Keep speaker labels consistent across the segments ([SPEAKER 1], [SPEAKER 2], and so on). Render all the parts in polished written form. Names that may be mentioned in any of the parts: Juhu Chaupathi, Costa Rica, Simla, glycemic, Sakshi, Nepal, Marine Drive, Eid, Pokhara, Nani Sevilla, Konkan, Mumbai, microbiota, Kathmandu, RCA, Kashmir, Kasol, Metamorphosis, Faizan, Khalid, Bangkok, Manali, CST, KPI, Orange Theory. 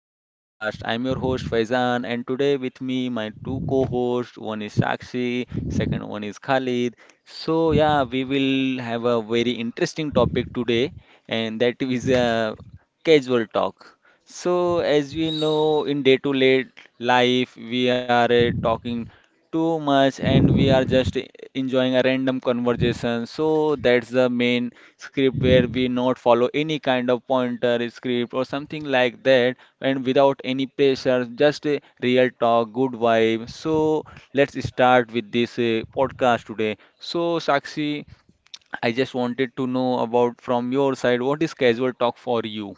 [SPEAKER 1] my podcast. I'm your host Faizan, and today with me my two co-hosts. One is Sakshi, second one is Khalid. So yeah, we will have a very interesting topic today, and that is a casual talk. So as we know, in day-to-day life, we are talking too much, and we are just enjoying a random conversation. So that's the main script where we not follow any kind of pointer script or something like that, and without any pressure, just a real talk, good vibe. So let's start with this podcast today. So Sakshi, I just wanted to know about from your side, what is casual talk for you?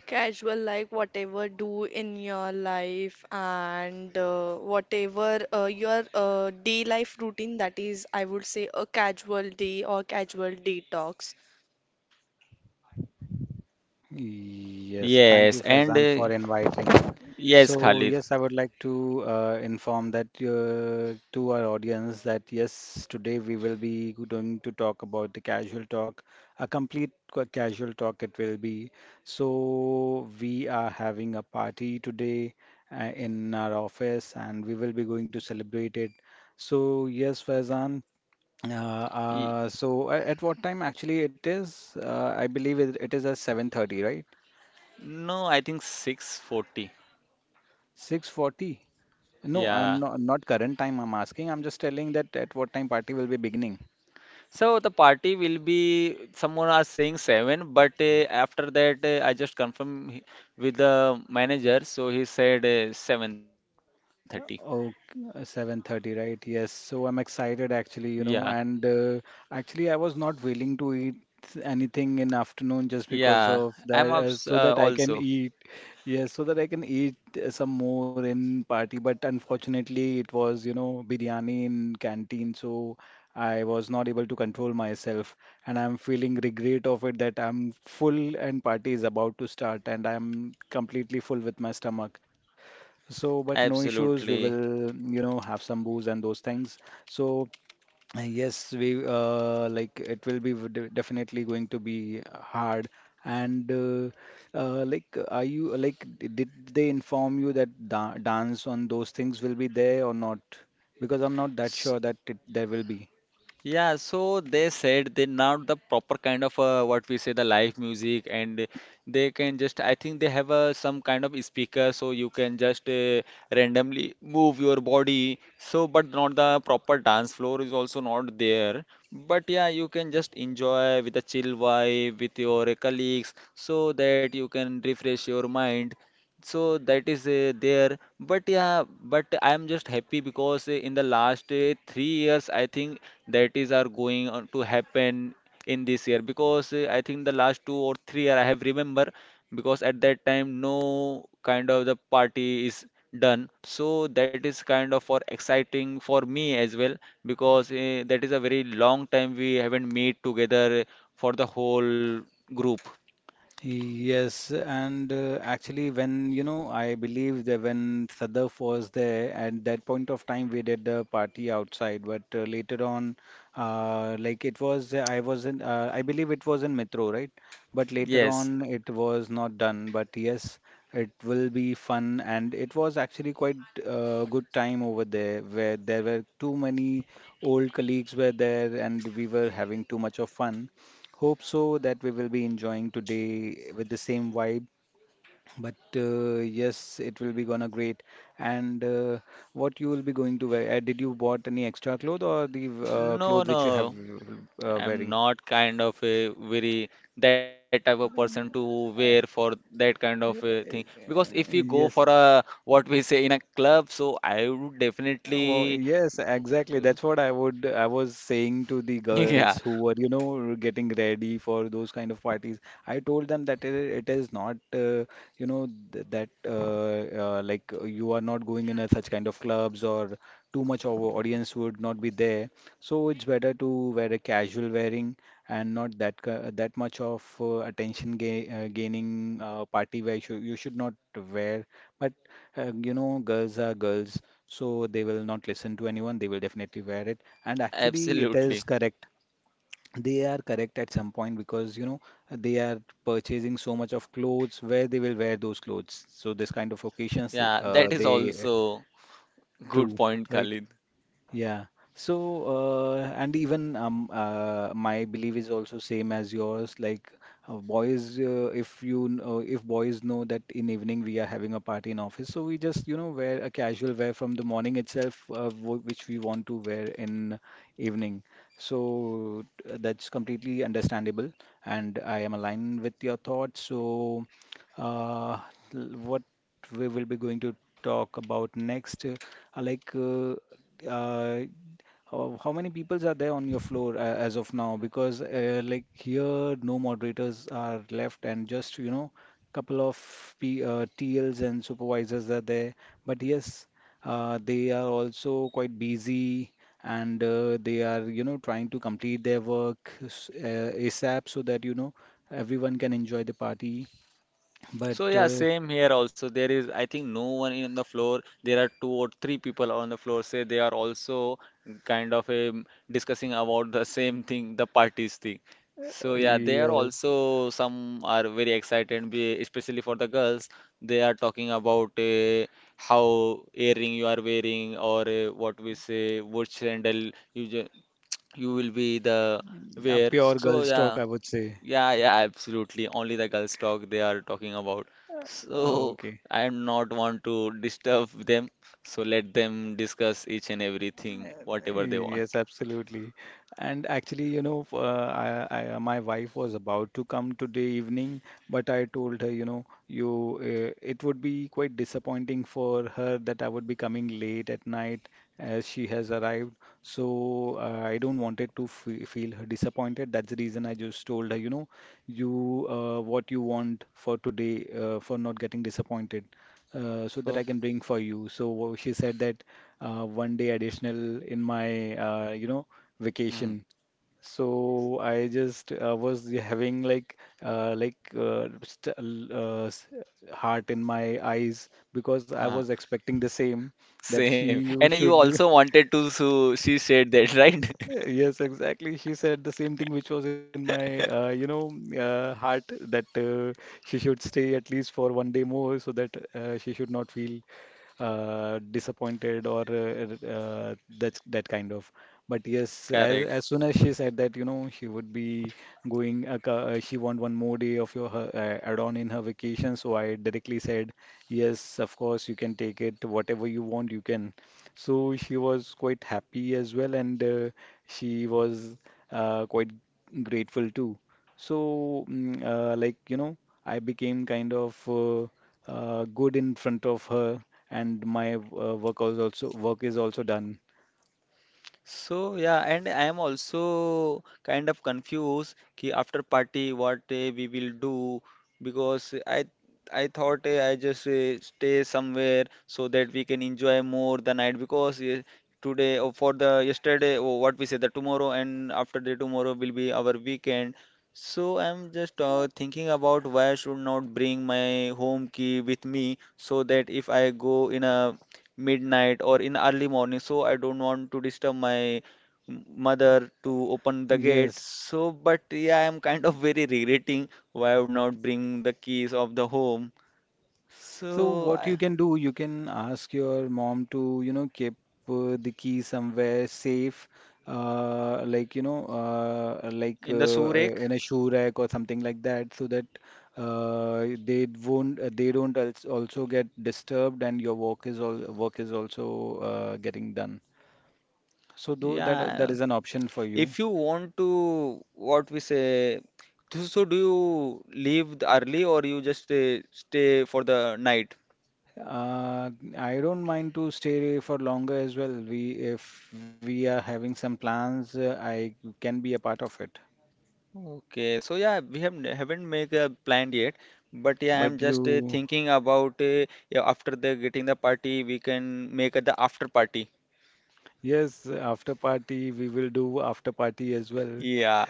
[SPEAKER 2] Casual, like whatever do in your life and whatever your day life routine, that is, I would say, a casual day or casual detox.
[SPEAKER 3] Yes, thank you,
[SPEAKER 1] Yes,
[SPEAKER 3] Faizan, for
[SPEAKER 1] and
[SPEAKER 3] inviting. So,
[SPEAKER 1] yes,
[SPEAKER 3] yes, I
[SPEAKER 1] Khalid.
[SPEAKER 3] would like to inform that to our audience that yes, today we will be going to talk about the casual talk, a complete casual talk it will be. So, we are having a party today in our office and we will be going to celebrate it. So, yes, Faizan,
[SPEAKER 1] Y-
[SPEAKER 3] at what time actually it is? I believe it is at 7:30, right?
[SPEAKER 1] no, I think 640.
[SPEAKER 3] 6:40? No,
[SPEAKER 1] Yeah.
[SPEAKER 3] no, not current time I'm asking. I'm just telling that at what time party will be beginning.
[SPEAKER 1] So the party, will be someone are saying seven, but after that I just confirm with the manager, so he said 7:30.
[SPEAKER 3] Oh, 7:30, right? Yes. So I'm excited
[SPEAKER 1] Yeah,
[SPEAKER 3] actually, you know, and actually I was not willing to eat anything in afternoon just because
[SPEAKER 1] yeah,
[SPEAKER 3] of
[SPEAKER 1] I'm
[SPEAKER 3] that
[SPEAKER 1] abs
[SPEAKER 3] so that I can
[SPEAKER 1] also
[SPEAKER 3] eat. Yes, so that I can eat some more in party, but unfortunately it was, you know, biryani in canteen, so I was not able to control myself and I'm feeling regret of it that I'm full and party is about to start and I'm completely full with my stomach. So, but no issues. We
[SPEAKER 1] absolutely.
[SPEAKER 3] will, you know, have some booze and those things. So, yes, we like it will be definitely going to be hard. And like, are you like, did they inform you that da dance on those things will be there or not? Because I'm not that
[SPEAKER 1] S-
[SPEAKER 3] sure that there will be.
[SPEAKER 1] Yeah, so they said they're not the proper kind of what we say the live music, and they can just, I think they have some kind of speaker, so you can just randomly move your body. So, but not the proper dance floor is also not there. But yeah, you can just enjoy with a chill vibe with your colleagues, so that you can refresh your mind. So that is there, but yeah, but I am just happy because in the last 3 years, I think that is are going on to happen in this year, because I think the last 2 or 3 year I have remember, because at that time no kind of the party is done. So that is kind of for exciting for me as well, because that is a very long time we haven't meet together for the whole group.
[SPEAKER 3] Yes, and actually, when you know, I believe that when Sadaf was there at that point of time, we did the party outside, but later on, like it was, I was in, I believe it was in Metro, right? But later
[SPEAKER 1] Yes.
[SPEAKER 3] on, it was not done. But yes, it will be fun, and it was actually quite good time over there, where there were too many old colleagues were there, and we were having too much of fun. Hope so that we will be enjoying today with the same vibe. But yes, it will be gonna great. And what you will be going to wear? Did you bought any extra clothes or the
[SPEAKER 1] No,
[SPEAKER 3] clothes which you have
[SPEAKER 1] no, I'm
[SPEAKER 3] wearing?
[SPEAKER 1] not kind of a very that type of person to wear for that kind of a thing, because if you
[SPEAKER 3] Uh,
[SPEAKER 1] go for
[SPEAKER 3] Yes.
[SPEAKER 1] a, what we say, in a club, so I would
[SPEAKER 3] Well,
[SPEAKER 1] definitely.
[SPEAKER 3] yes, exactly. That's what I was saying to the girls
[SPEAKER 1] Yeah,
[SPEAKER 3] who were, you know, getting ready for those kind of parties. I told them that it is not, you know, th that like you are not going in a such kind of clubs or too much of a audience would not be there. So it's better to wear a casual wearing and not that that much of attention ga gaining party wear. You should not wear. But you know, girls are girls, so they will not listen to anyone. They will definitely wear it. And actually, it is
[SPEAKER 1] absolutely.
[SPEAKER 3] correct. They are correct at some point because, you know, they are purchasing so much of clothes where they will wear those clothes. So this kind of occasions,
[SPEAKER 1] Yeah, that is
[SPEAKER 3] they
[SPEAKER 1] also good
[SPEAKER 3] true,
[SPEAKER 1] point,
[SPEAKER 3] right?
[SPEAKER 1] Khalid.
[SPEAKER 3] Yeah. So, and even my belief is also same as yours. Like boys, if you kn- if boys know that in evening we are having a party in office, so we just you know wear a casual wear from the morning itself, w which we want to wear in evening. So that's completely understandable, and I am aligned with your thoughts. So, uh, what we will be going to talk about next. Like, uh, uh, how many peoples are there on your floor as of now? Because like here, no moderators are left, and just you know, couple of TLs and supervisors are there. But yes, they are also quite busy. And they are, you know, trying to complete their work ASAP so that, you know, everyone can enjoy the party. But
[SPEAKER 1] So yeah, same here also. There is, I think, no one in the floor. There are two or three people on the floor. Say they are also kind of discussing about the same thing, the parties thing. So yeah, they are
[SPEAKER 3] yes,
[SPEAKER 1] also some are very excited, especially for the girls. They are talking about how earring you are wearing, or what we say, which sandal you you will be the
[SPEAKER 3] a
[SPEAKER 1] wear.
[SPEAKER 3] pure
[SPEAKER 1] So
[SPEAKER 3] girls
[SPEAKER 1] yeah.
[SPEAKER 3] talk, I would say.
[SPEAKER 1] Yeah, yeah, absolutely. Only the girls talk they are talking about. So
[SPEAKER 3] Okay.
[SPEAKER 1] I am not want to disturb them. So let them discuss each and everything, whatever they want.
[SPEAKER 3] Yes, absolutely. And actually, you know, my wife was about to come today evening, but I told her, you know, you it would be quite disappointing for her that I would be coming late at night as she has arrived. So I don't want it to fe feel her disappointed. That's the reason I just told her, you know, you what you want for today for not getting disappointed. So that I
[SPEAKER 1] So,
[SPEAKER 3] can bring for you. So she said that one day additional in my you know
[SPEAKER 1] mm.
[SPEAKER 3] vacation. So I just was having like uh, like uh, st l- uh, s- heart in my eyes because I was expecting the same that she
[SPEAKER 1] Same.
[SPEAKER 3] you
[SPEAKER 1] And you
[SPEAKER 3] should
[SPEAKER 1] also wanted to, so she said that, right?
[SPEAKER 3] Yes, exactly. She said the same thing, which was in you know, heart that she should stay at least for one day more so that she should not feel disappointed or that kind of. But yes,
[SPEAKER 1] Correct.
[SPEAKER 3] as soon as she said that, you know, she would be going. She want one more day of your her, add-on in her vacation. So I directly said, yes, of course, you can take it. Whatever you want, you can. So she was quite happy as well, and. She was quite grateful too. So, like, you know, I became kind of good in front of her, and my work is also done.
[SPEAKER 1] So yeah, and I am also kind of confused कि after party what eh, we will do, because I thought eh, I just eh, stay somewhere so that we can enjoy more the night, because eh, today or for the yesterday or what we say the tomorrow and after the tomorrow will be our weekend. So I'm just thinking about why I should not bring my home key with me, so that if I go in a midnight or in early morning, so I don't want to disturb my mother to open the gate.
[SPEAKER 3] Yes,
[SPEAKER 1] So but yeah, I am kind of very regretting why I would not bring the keys of the home.
[SPEAKER 3] so
[SPEAKER 1] So
[SPEAKER 3] what you
[SPEAKER 1] I,
[SPEAKER 3] can do, you can ask your mom to, you know, keep the key somewhere safe,
[SPEAKER 1] in the shoe rack.
[SPEAKER 3] in a shoe rack or something like that, so that they don't also get disturbed, and your work is also getting done. So though that that
[SPEAKER 1] Yeah,
[SPEAKER 3] is an option for
[SPEAKER 1] if
[SPEAKER 3] you.
[SPEAKER 1] you want to what we say, so do you leave the early or you just stay for the night?
[SPEAKER 3] Uh, I don't mind to stay for longer as well. We if we are having some plans, I can be a part of it.
[SPEAKER 1] Okay, so yeah, we have haven't make a plan yet, but yeah, I'm
[SPEAKER 3] But
[SPEAKER 1] just
[SPEAKER 3] you,
[SPEAKER 1] thinking about yeah, after the getting the party, we can make the after party.
[SPEAKER 3] yes, after party, we will do after party as well.
[SPEAKER 1] Yeah,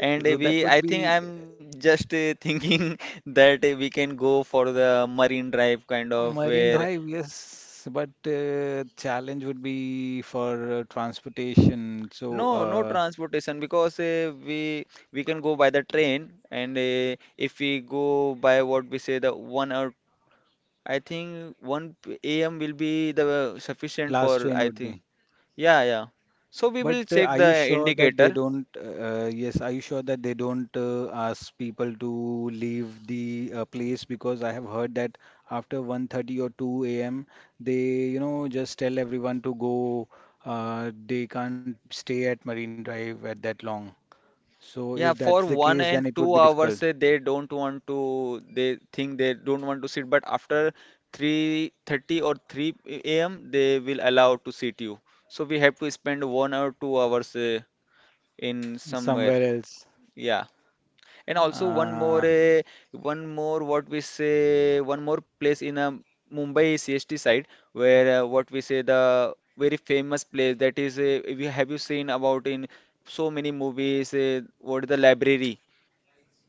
[SPEAKER 1] and uh,
[SPEAKER 3] So that
[SPEAKER 1] we
[SPEAKER 3] would
[SPEAKER 1] I think
[SPEAKER 3] be
[SPEAKER 1] I'm just thinking that we can go for the Marine Drive kind of
[SPEAKER 3] Marine
[SPEAKER 1] where.
[SPEAKER 3] Drive, yes. But challenge would be for transportation. So
[SPEAKER 1] No, no transportation, because we can go by the train, and if we go by what we say, the 1 hour, I think 1 a.m. will be the sufficient for,
[SPEAKER 3] last train
[SPEAKER 1] I
[SPEAKER 3] would
[SPEAKER 1] think.
[SPEAKER 3] be.
[SPEAKER 1] Yeah, yeah. So we
[SPEAKER 3] But
[SPEAKER 1] will check
[SPEAKER 3] are
[SPEAKER 1] the
[SPEAKER 3] you sure that they
[SPEAKER 1] indicator.
[SPEAKER 3] don't? Yes, are you sure that they don't ask people to leave the place? Because I have heard that after 1:30 or 2 a.m., they, you know, just tell everyone to go. They can't stay at Marine Drive at that long. So if
[SPEAKER 1] Yeah,
[SPEAKER 3] that's the
[SPEAKER 1] for one
[SPEAKER 3] case, then
[SPEAKER 1] and
[SPEAKER 3] it would be
[SPEAKER 1] two
[SPEAKER 3] difficult
[SPEAKER 1] hours, eh, they don't want to, they think they don't want to sit, but after 3:30 or 3 a.m., they will allow to sit you. So we have to spend 1 or 2 hours eh, in somewhere.
[SPEAKER 3] somewhere else.
[SPEAKER 1] Yeah. And also one more,
[SPEAKER 3] Uh,
[SPEAKER 1] one more what we say, one more place in Mumbai CST side, where what we say, the very famous place, that is, if you have you seen about in so many movies, what is the library?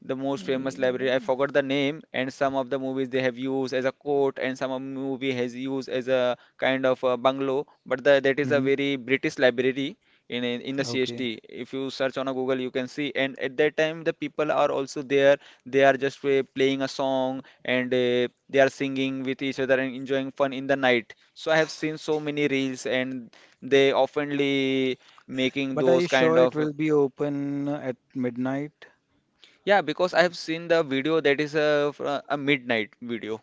[SPEAKER 1] The most famous
[SPEAKER 3] yeah.
[SPEAKER 1] library. I forgot the name, and some of the movies they have used as a court, and some of movie has used as a kind of a bungalow. But the, that is a
[SPEAKER 3] Mhm.
[SPEAKER 1] very British library in the
[SPEAKER 3] Okay.
[SPEAKER 1] CST. If you search on a Google, you can see. And at that time, the people are also there. They are just playing a song, and they are singing with each other and enjoying fun in the night. So I have seen so many reels, and they oftenly making
[SPEAKER 3] But are
[SPEAKER 1] those
[SPEAKER 3] you
[SPEAKER 1] kind
[SPEAKER 3] sure it
[SPEAKER 1] of.
[SPEAKER 3] will be open at midnight?
[SPEAKER 1] Yeah, because I have seen the video that is a, a midnight video.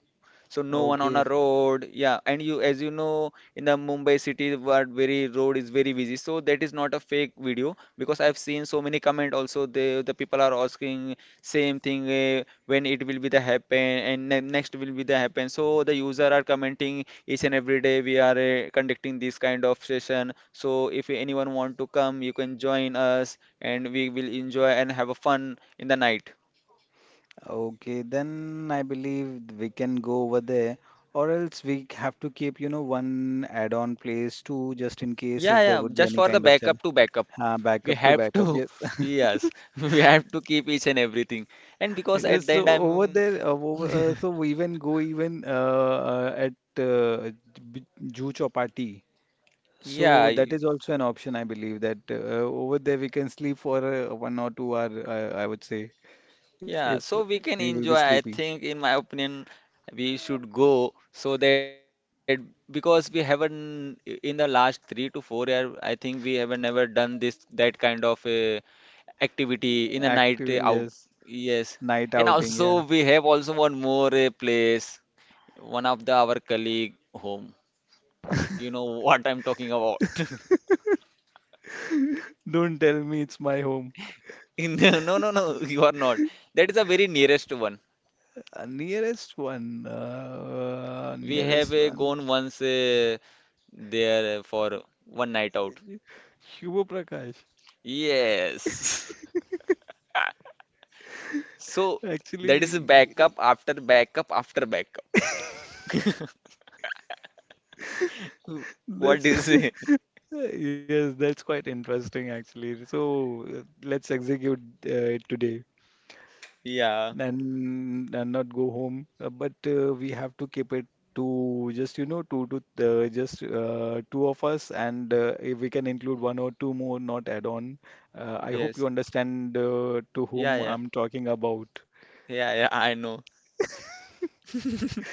[SPEAKER 1] So no one on a
[SPEAKER 3] Okay.
[SPEAKER 1] road. Yeah, and you, as you know, in the Mumbai city, what very road is very busy. So that is not a fake video, because I've seen so many comment also. The people are asking same thing, when it will be the happen and ne next will be the happen. So the user are commenting each and every day we are conducting this kind of session. So if anyone want to come, you can join us and we will enjoy and have a fun in the night.
[SPEAKER 3] Okay, then I believe we can go over there, or else we have to keep, you know, one add-on place too, just in case
[SPEAKER 1] Yeah,
[SPEAKER 3] if there
[SPEAKER 1] yeah,
[SPEAKER 3] would be
[SPEAKER 1] just
[SPEAKER 3] any
[SPEAKER 1] for the
[SPEAKER 3] kind of challenge.
[SPEAKER 1] backup to backup.
[SPEAKER 3] Ha,
[SPEAKER 1] We
[SPEAKER 3] backup to
[SPEAKER 1] have
[SPEAKER 3] backup,
[SPEAKER 1] to,
[SPEAKER 3] yes.
[SPEAKER 1] yes, we have to keep each and everything. And because
[SPEAKER 3] Yes,
[SPEAKER 1] at the
[SPEAKER 3] so
[SPEAKER 1] end,
[SPEAKER 3] over
[SPEAKER 1] I'm.
[SPEAKER 3] there, over, so we even go even at J- Juhu Chaupathi. So
[SPEAKER 1] Yeah,
[SPEAKER 3] that is also an option, I believe, that over there we can sleep for one or two hour, I would say, if
[SPEAKER 1] yeah, so we
[SPEAKER 3] we
[SPEAKER 1] can
[SPEAKER 3] will be
[SPEAKER 1] enjoy.
[SPEAKER 3] sleepy.
[SPEAKER 1] I think, in my opinion, we should go so that, because we haven't, in the last 3 to 4 year, I think we haven't never done this, that kind of a activity in a night
[SPEAKER 3] Active,
[SPEAKER 1] out.
[SPEAKER 3] yes.
[SPEAKER 1] Yes.
[SPEAKER 3] Night
[SPEAKER 1] And
[SPEAKER 3] outing,
[SPEAKER 1] also
[SPEAKER 3] yeah.
[SPEAKER 1] we have also one more place, one of the our colleague home. You know what I'm talking about.
[SPEAKER 3] Don't tell me it's my home.
[SPEAKER 1] In the, no no no, you are not. That is a very nearest one.
[SPEAKER 3] Nearest one.
[SPEAKER 1] We have
[SPEAKER 3] Nearest one.
[SPEAKER 1] gone once there for one night out.
[SPEAKER 3] Shubha Prakash.
[SPEAKER 1] Yes. So that is a
[SPEAKER 3] Actually,
[SPEAKER 1] backup after backup after backup.
[SPEAKER 3] that's
[SPEAKER 1] What do you say?
[SPEAKER 3] yes, that's quite interesting actually. So let's execute it today.
[SPEAKER 1] Yeah.
[SPEAKER 3] And not go home. But we have to keep it to just you know two to just two of us, and if we can include one or two more, not add on. I hope
[SPEAKER 1] Yes.
[SPEAKER 3] you understand to
[SPEAKER 1] Yeah,
[SPEAKER 3] whom
[SPEAKER 1] yeah.
[SPEAKER 3] I'm talking about.
[SPEAKER 1] Yeah, yeah, I know.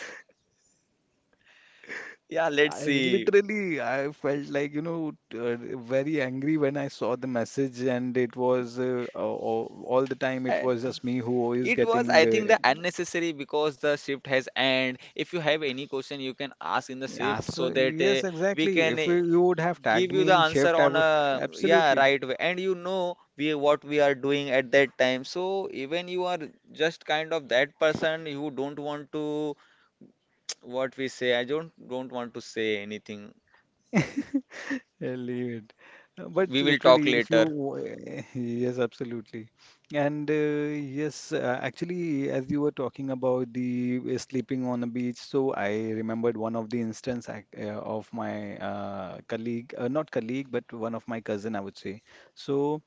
[SPEAKER 1] Yeah, let's
[SPEAKER 3] I
[SPEAKER 1] see.
[SPEAKER 3] literally I felt like you know very angry when I saw the message, and it was all the time it
[SPEAKER 1] And
[SPEAKER 3] was just me who is
[SPEAKER 1] it was, I
[SPEAKER 3] getting
[SPEAKER 1] think, the unnecessary, because the shift has end. If you have any question, you can ask in the
[SPEAKER 3] yes,
[SPEAKER 1] shift, so that
[SPEAKER 3] yes,
[SPEAKER 1] we
[SPEAKER 3] exactly.
[SPEAKER 1] can
[SPEAKER 3] If we, you would have
[SPEAKER 1] give
[SPEAKER 3] tagged
[SPEAKER 1] you
[SPEAKER 3] me
[SPEAKER 1] the
[SPEAKER 3] in
[SPEAKER 1] answer
[SPEAKER 3] shift, I
[SPEAKER 1] on
[SPEAKER 3] would
[SPEAKER 1] a yeah
[SPEAKER 3] absolutely
[SPEAKER 1] right way. And you know we what we are doing at that time. So even you are just kind of that person who don't want to, what we say. I don't want to say anything.
[SPEAKER 3] leave it. But
[SPEAKER 1] We will talk
[SPEAKER 3] literally, if you,
[SPEAKER 1] later.
[SPEAKER 3] yes, absolutely. And yes, actually, as you were talking about the sleeping on a beach, so I remembered one of the instance of my colleague, not colleague, but one of my cousin, I would say. So.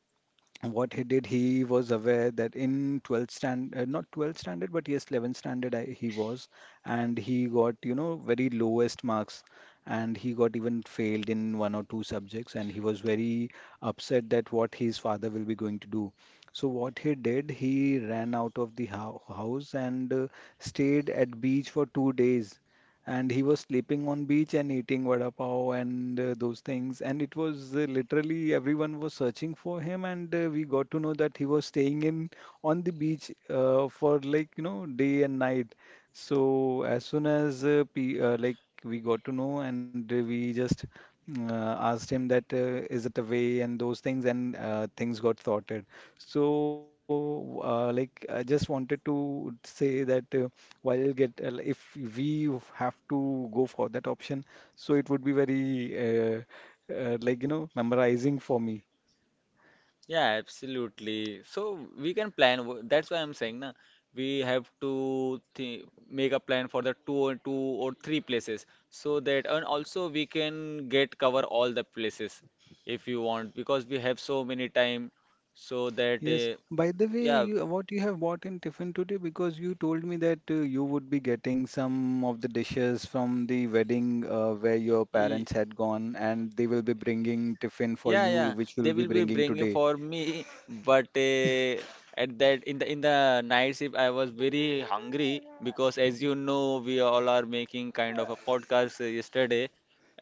[SPEAKER 3] And what he did, he was aware that in 12th stand, uh, not 12th standard, but yes, 11th standard, he was, and he got, you know, very lowest marks, and he got even failed in one or two subjects, and he was very upset that what his father will be going to do. So what he did, he ran out of the house and stayed at beach for 2 days, and he was sleeping on beach and eating vada pav and those things, and it was literally everyone was searching for him. And we got to know that he was staying in on the beach for like day and night. So as soon as p like we got to know, and we just asked him that is it away and those things, and things got sorted. So like I just wanted to say that while get if we have to go for that option, so it would be very uh, like memorizing for me.
[SPEAKER 1] Yeah, absolutely. So we can plan. That's why I'm saying, na, we have to th make a plan for the two or three places, so that, and also we can get cover all the places if you want, because we have so many time so that
[SPEAKER 3] Yes. By the way, you what you have bought in tiffin today, because you told me that you would be getting some of the dishes from the wedding where your
[SPEAKER 1] yeah.
[SPEAKER 3] parents had gone, and they will be bringing tiffin for
[SPEAKER 1] Yeah,
[SPEAKER 3] you,
[SPEAKER 1] yeah,
[SPEAKER 3] which
[SPEAKER 1] they
[SPEAKER 3] will
[SPEAKER 1] will
[SPEAKER 3] be
[SPEAKER 1] be
[SPEAKER 3] bringing
[SPEAKER 1] bringing
[SPEAKER 3] today.
[SPEAKER 1] for me, but at that in the night shift I was very hungry, because as you know we all are making kind of a podcast yesterday,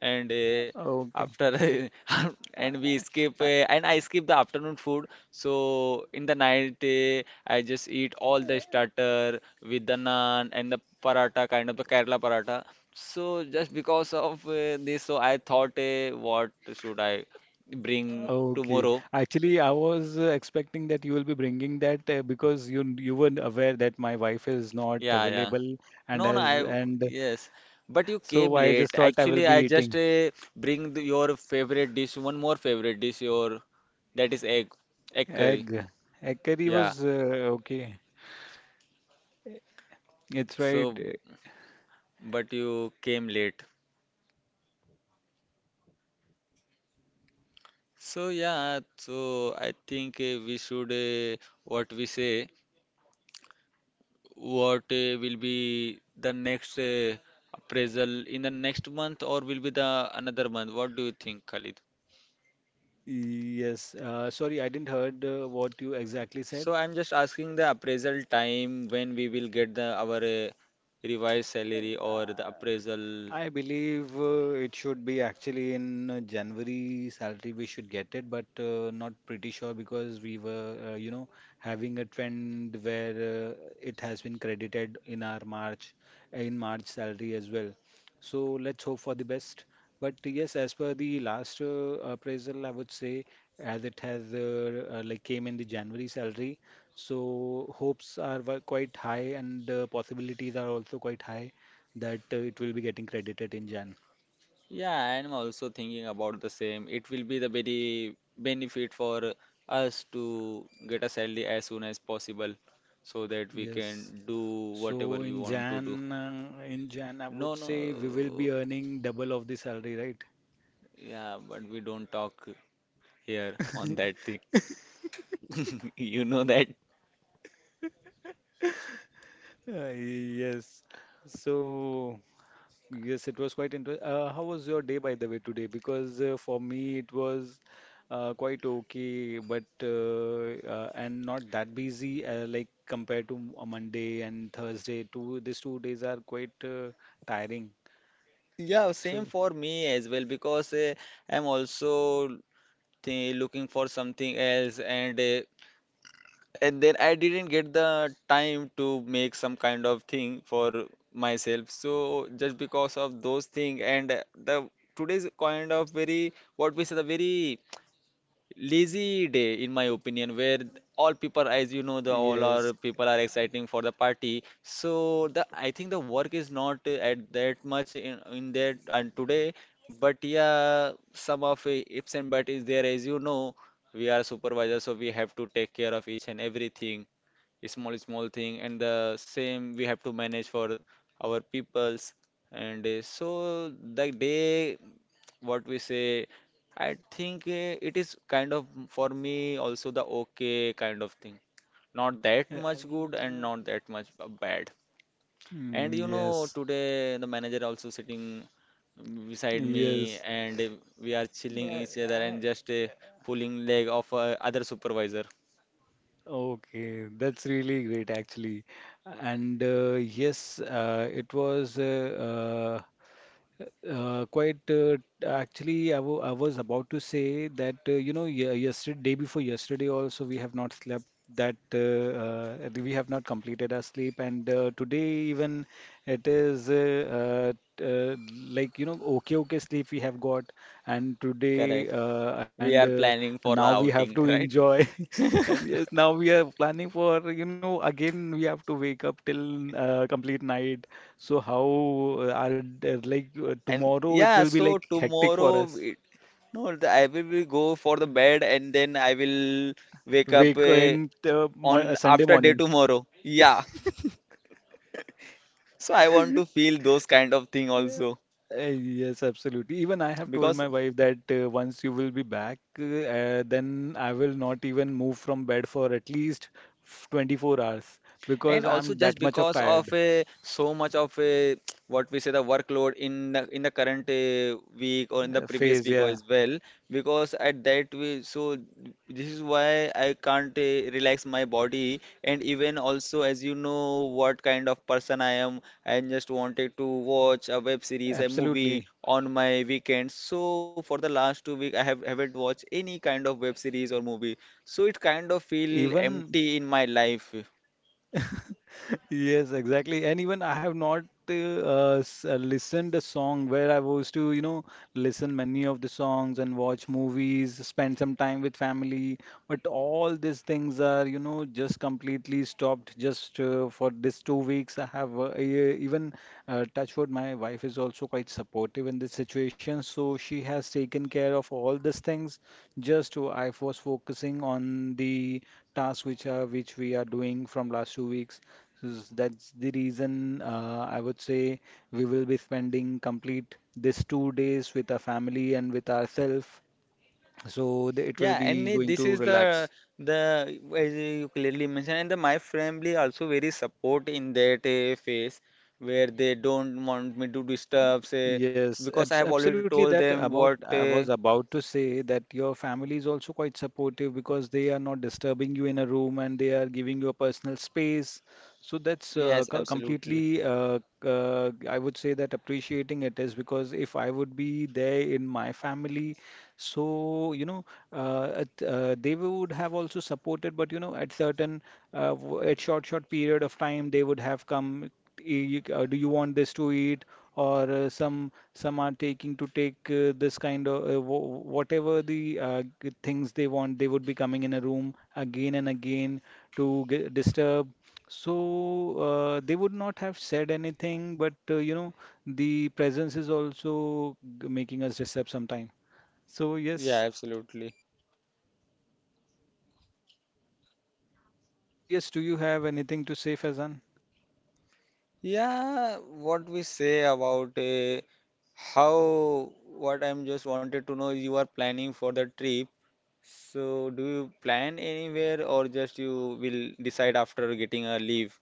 [SPEAKER 1] and
[SPEAKER 3] Okay. I
[SPEAKER 1] after and we skip and I skip the afternoon food, so in the night I just eat all the starter with the naan and the paratha kind of the Kerala paratha. So just because of this, so I thought, what should I bring
[SPEAKER 3] Okay.
[SPEAKER 1] tomorrow?
[SPEAKER 3] Actually, I was expecting that you will be bringing that because you were aware that my wife is not
[SPEAKER 1] Yeah, yeah.
[SPEAKER 3] available, and
[SPEAKER 1] No, no,
[SPEAKER 3] as
[SPEAKER 1] I,
[SPEAKER 3] and
[SPEAKER 1] yes. But you came
[SPEAKER 3] so I
[SPEAKER 1] late.
[SPEAKER 3] just thought I will
[SPEAKER 1] Actually,
[SPEAKER 3] be
[SPEAKER 1] I just
[SPEAKER 3] eating
[SPEAKER 1] bring the, your favorite dish, one more favorite dish, your, that is egg, egg curry.
[SPEAKER 3] egg. Egg curry
[SPEAKER 1] Yeah.
[SPEAKER 3] was okay. It's right.
[SPEAKER 1] So, but you came late. So yeah, so I think we should what we say, what will be the next appraisal in the next month, or will be the another month? What do you think, Khalid?
[SPEAKER 3] Yes. Sorry, I didn't heard what you exactly said.
[SPEAKER 1] So I'm just asking the appraisal time, when we will get the our revised salary or the
[SPEAKER 3] Uh,
[SPEAKER 1] appraisal.
[SPEAKER 3] I believe it should be actually in January salary we should get it, but not pretty sure, because we were, you know, having a trend where it has been credited in March salary as well. So let's hope for the best. But yes, as per the last appraisal, I would say, as it has like came in the January salary, so hopes are quite high and possibilities are also quite high that it will be getting credited in Jan.
[SPEAKER 1] Yeah, I'm also thinking about the same. It will be the very benefit for us to get a salary as soon as possible so that we
[SPEAKER 3] Yes.
[SPEAKER 1] can do whatever
[SPEAKER 3] So
[SPEAKER 1] we
[SPEAKER 3] in
[SPEAKER 1] want to do.
[SPEAKER 3] Jan, uh, in Jan, I
[SPEAKER 1] No,
[SPEAKER 3] would say we will
[SPEAKER 1] no.
[SPEAKER 3] be earning double of the salary, right?
[SPEAKER 1] Yeah, but we don't talk here on that thing. You know that.
[SPEAKER 3] Yes. So yes, it was quite interesting. How was your day, by the way, today? Because for me, it was quite okay, but and not that busy. Like compared to a Monday and Thursday, two these 2 days are quite tiring.
[SPEAKER 1] Yeah, same
[SPEAKER 3] So
[SPEAKER 1] for me as well because I'm also th looking for something else and and then I didn't get the time to make some kind of thing for myself. So just because of those things and the today's kind of very, what we say, the very lazy day in my opinion, where all people, as you know, the all our
[SPEAKER 3] yes.
[SPEAKER 1] people are exciting for the party, so the I think the work is not at that much in that and today. But yeah, some of ifs and but is there. As you know, we are supervisors, so we have to take care of each and everything, small small thing, and the same we have to manage for our peoples. And so the day, what we say, I think it is kind of, for me also the okay kind of thing, not
[SPEAKER 3] Uh,
[SPEAKER 1] that
[SPEAKER 3] um,
[SPEAKER 1] much good and not
[SPEAKER 3] uh,
[SPEAKER 1] that much bad. And
[SPEAKER 3] Mm,
[SPEAKER 1] you know,
[SPEAKER 3] yes,
[SPEAKER 1] today the manager also sitting, beside me,
[SPEAKER 3] yes.
[SPEAKER 1] and we are chilling
[SPEAKER 3] Uh,
[SPEAKER 1] each other
[SPEAKER 3] I-
[SPEAKER 1] and just, pulling leg of other supervisor.
[SPEAKER 3] Okay, that's really great actually. And yes, it was quite actually, I was about to say that yesterday, day before yesterday, also we have not slept. That We have not completed our sleep, and today even it is uh, uh, like okay sleep we have got, and today
[SPEAKER 1] Correct.
[SPEAKER 3] and
[SPEAKER 1] We are planning for
[SPEAKER 3] now
[SPEAKER 1] the
[SPEAKER 3] we have to
[SPEAKER 1] outing, right?
[SPEAKER 3] enjoy, and yes now we are planning for, again we have to wake up till complete night. So how are there, like
[SPEAKER 1] And
[SPEAKER 3] tomorrow it will
[SPEAKER 1] yeah,
[SPEAKER 3] be
[SPEAKER 1] so
[SPEAKER 3] like hectic for
[SPEAKER 1] tomorrow
[SPEAKER 3] us.
[SPEAKER 1] it, no, I will be go for the bed and then I will wake up
[SPEAKER 3] Wake in
[SPEAKER 1] on
[SPEAKER 3] Sunday
[SPEAKER 1] after day
[SPEAKER 3] morning.
[SPEAKER 1] tomorrow. Yeah. So I want to feel those kind of thing
[SPEAKER 3] Yeah.
[SPEAKER 1] also,
[SPEAKER 3] Yes, absolutely. Even I have told
[SPEAKER 1] because
[SPEAKER 3] my wife that once you will be back, then I will not even move from bed for at least 24 hours,
[SPEAKER 1] and
[SPEAKER 3] because
[SPEAKER 1] also
[SPEAKER 3] I'm
[SPEAKER 1] just
[SPEAKER 3] that much of
[SPEAKER 1] because of
[SPEAKER 3] tired
[SPEAKER 1] so much of, what we say, the workload in the current week or in the previous
[SPEAKER 3] phase.
[SPEAKER 1] week
[SPEAKER 3] Yeah,
[SPEAKER 1] as well, because at that way. So this is why I can't relax my body. And even also, as you know what kind of person I am, I just wanted to watch a web
[SPEAKER 3] absolutely.
[SPEAKER 1] series, a movie on my weekends. So for the last 2 weeks, I have haven't watched any kind of web series or movie, so it kind of feel
[SPEAKER 3] Even
[SPEAKER 1] empty in my life.
[SPEAKER 3] Yes, exactly. And even I have not listened a song, where I was to, listen many of the songs and watch movies, spend some time with family. But all these things are, just completely stopped just for this 2 weeks. I have even touch wood, my wife is also quite supportive in this situation, so she has taken care of all these things. Just I was focusing on the tasks which are which we are doing from last 2 weeks. That's the reason I would say we will be spending complete this 2 days with our family and with ourselves. So it will
[SPEAKER 1] Yeah, and
[SPEAKER 3] be going
[SPEAKER 1] this is
[SPEAKER 3] to
[SPEAKER 1] the
[SPEAKER 3] relax.
[SPEAKER 1] the as you clearly mentioned, and the, my family also very support in that phase, where they don't want me to disturb, say,
[SPEAKER 3] Yes,
[SPEAKER 1] because I have already
[SPEAKER 3] absolutely.
[SPEAKER 1] told
[SPEAKER 3] That
[SPEAKER 1] them
[SPEAKER 3] about
[SPEAKER 1] what.
[SPEAKER 3] I was about to say that your family is also quite supportive, because they are not disturbing you in a room, and they are giving you a personal space. So that's
[SPEAKER 1] Yes, absolutely.
[SPEAKER 3] completely I would say that appreciating, it is because if I would be there in my family, so at, they would have also supported, but at certain at short period of time they would have come. "Eh, Do you want this to eat? Or some are taking to take this kind of whatever the things they want, they would be coming in a room again and again to g disturb. So they would not have said anything, but the presence is also making us disturb sometime. So yes.
[SPEAKER 1] Yeah, absolutely.
[SPEAKER 3] So yes, do you have anything to say, Faizan?
[SPEAKER 1] Yeah, what we say about, how, what I'm just wanted to know, you are planning for the trip. So, do you plan anywhere or just you will decide after getting a leave?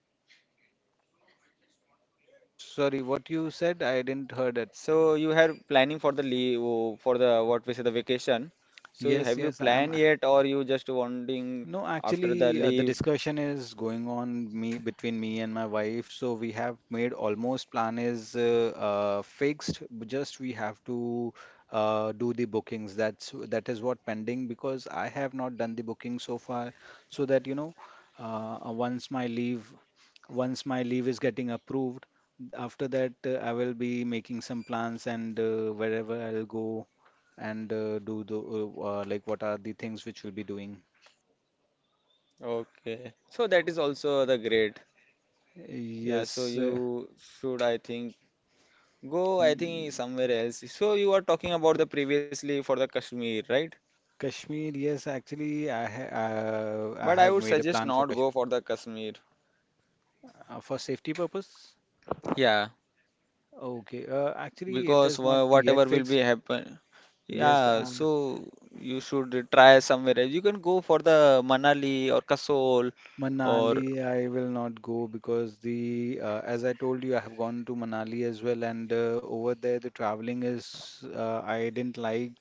[SPEAKER 3] Sorry, what you said, I didn't heard it.
[SPEAKER 1] So you have planning for the leave, oh, for the, what we say, the vacation. So you
[SPEAKER 3] Yes,
[SPEAKER 1] have you
[SPEAKER 3] yes, I am.
[SPEAKER 1] planned yet or you just wanting
[SPEAKER 3] No,
[SPEAKER 1] after the
[SPEAKER 3] actually, the
[SPEAKER 1] leave?
[SPEAKER 3] discussion is going on me between me and my wife. So we have made almost, plan is fixed. But just we have to do the bookings. That is what pending, because I have not done the booking so far. So that you know, uh, uh, once my leave, once my leave is getting approved, after that I will be making some plans and wherever I'll go and do the like what are the things which we'll be doing.
[SPEAKER 1] Okay. So that is also the great. Yeah, so
[SPEAKER 3] Yes,
[SPEAKER 1] you should I think go, I think
[SPEAKER 3] mm,
[SPEAKER 1] somewhere else. So you are talking about the previously for the Kashmir, right?
[SPEAKER 3] Kashmir. Yes, actually, I
[SPEAKER 1] But I
[SPEAKER 3] have
[SPEAKER 1] would
[SPEAKER 3] made a
[SPEAKER 1] suggest
[SPEAKER 3] plan for
[SPEAKER 1] not go
[SPEAKER 3] Kashmir
[SPEAKER 1] for the Kashmir.
[SPEAKER 3] for safety purpose.
[SPEAKER 1] Yeah.
[SPEAKER 3] Okay, actually, it
[SPEAKER 1] Because
[SPEAKER 3] is not yet
[SPEAKER 1] whatever will be
[SPEAKER 3] fixed.
[SPEAKER 1] happen.
[SPEAKER 3] Yes,
[SPEAKER 1] Yeah, so you should try somewhere else. You can go for the Manali or Kasol or,
[SPEAKER 3] Manali, I will not go, because the as I told you, I have gone to Manali as well, and over there the traveling is I didn't like.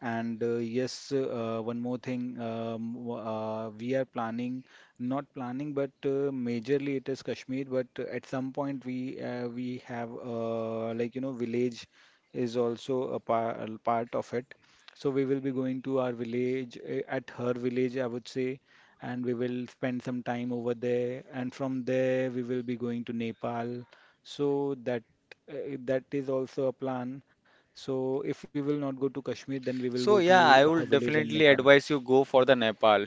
[SPEAKER 3] And yes, one more thing, we are planning, not planning, but majorly it is Kashmir. But at some point we have like village is also a par a part of it. So we will be going to our village at her village, I would say, and we will spend some time over there. And from there, we will be going to Nepal. So that that is also a plan. So if we will not go to Kashmir, then we will go
[SPEAKER 1] so yeah,
[SPEAKER 3] to
[SPEAKER 1] I
[SPEAKER 3] her
[SPEAKER 1] would
[SPEAKER 3] village and
[SPEAKER 1] definitely
[SPEAKER 3] Nepal.
[SPEAKER 1] advise you go for the Nepal,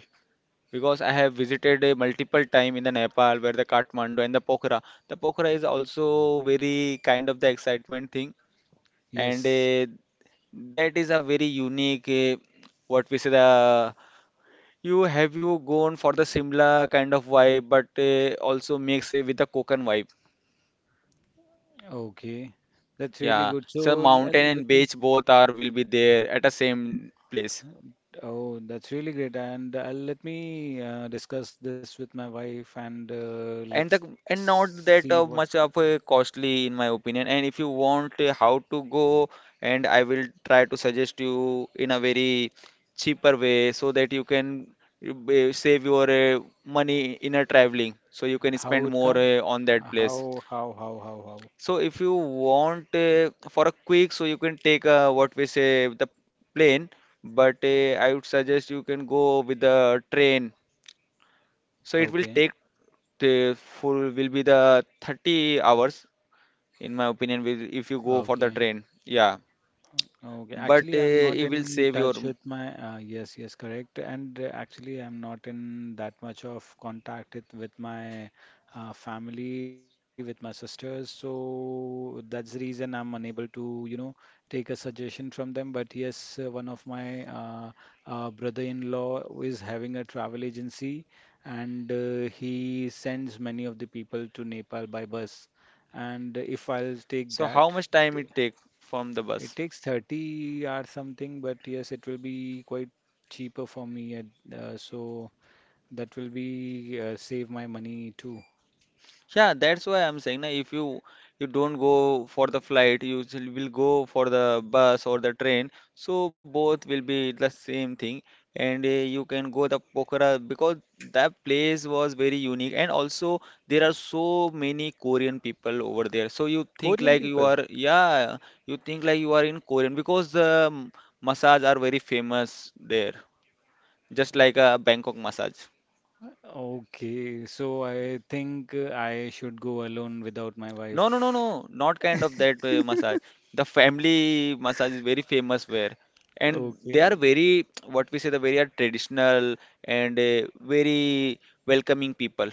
[SPEAKER 1] because I have visited a multiple time in the Nepal, where the Kathmandu and the Pokhara. The Pokhara is also very kind of the excitement thing, and
[SPEAKER 3] Yes.
[SPEAKER 1] uh, that is a very unique, what we say, the, you have you gone for the Simla kind of vibe, but also mix it with the Konkan vibe.
[SPEAKER 3] Okay. That's really
[SPEAKER 1] Yeah,
[SPEAKER 3] good.
[SPEAKER 1] so
[SPEAKER 3] So
[SPEAKER 1] mountain
[SPEAKER 3] let
[SPEAKER 1] and
[SPEAKER 3] me.
[SPEAKER 1] beach both are will be there at the same place,
[SPEAKER 3] Oh, that's really great. And let me discuss this with my wife, and
[SPEAKER 1] and
[SPEAKER 3] let's
[SPEAKER 1] the, and not
[SPEAKER 3] see what.
[SPEAKER 1] that much of a costly in my opinion. And if you want how to go, and I will try to suggest you in a very cheaper way so that you can, save your money in a traveling, so you can spend
[SPEAKER 3] How it
[SPEAKER 1] more
[SPEAKER 3] come.
[SPEAKER 1] on that place.
[SPEAKER 3] How how how how
[SPEAKER 1] So if you want for a quick, so you can take, what we say, the plane, but I would suggest you can go with the train. So
[SPEAKER 3] how.
[SPEAKER 1] it will
[SPEAKER 3] Okay.
[SPEAKER 1] take the full will be the 30 hours in my opinion with if you go for the
[SPEAKER 3] Okay.
[SPEAKER 1] train. Yeah,
[SPEAKER 3] Okay,
[SPEAKER 1] but
[SPEAKER 3] actually, I'm not
[SPEAKER 1] it will
[SPEAKER 3] in
[SPEAKER 1] save your.
[SPEAKER 3] touch with my, yes, yes, correct. And actually, I'm not in that much of contact it, with my family, with my sisters. So that's the reason I'm unable to, you know, take a suggestion from them. But yes, one of my brother-in-law is having a travel agency, and he sends many of the people to Nepal by bus. And if I'll take
[SPEAKER 1] So
[SPEAKER 3] that,
[SPEAKER 1] how much time it take from the bus?
[SPEAKER 3] it takes 30 or something, but yes, it will be quite cheaper for me. And, so that will be save my money too.
[SPEAKER 1] Yeah, that's why I'm saying na, if you, you don't go for the flight, you still will go for the bus or the train. So both will be the same thing, and you can go the Pokhara, because that place was very unique, and also there are so many Korean people over there. So you think
[SPEAKER 3] Korean
[SPEAKER 1] like you
[SPEAKER 3] people.
[SPEAKER 1] are, yeah, you think like you are in Korean, because the, massage are very famous there, just like a Bangkok massage.
[SPEAKER 3] Okay, so I think I should go alone without my
[SPEAKER 1] No, no, no,
[SPEAKER 3] wife.
[SPEAKER 1] no, not kind of that massage. The family massage is very famous where, and they
[SPEAKER 3] Okay,
[SPEAKER 1] are very, what we say, the very are traditional and very welcoming people.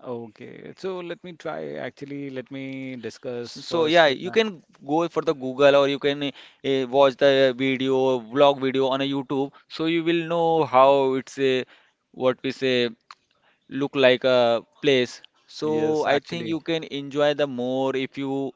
[SPEAKER 3] okay. So let me try. Actually, let me discuss
[SPEAKER 1] So, so
[SPEAKER 3] first
[SPEAKER 1] yeah,
[SPEAKER 3] with
[SPEAKER 1] you
[SPEAKER 3] my.
[SPEAKER 1] can go for the Google, or you can watch the video vlog video on a YouTube, so you will know how it's a, what we say, look like a place. So
[SPEAKER 3] Yes,
[SPEAKER 1] I think
[SPEAKER 3] actually.
[SPEAKER 1] you can enjoy the more if you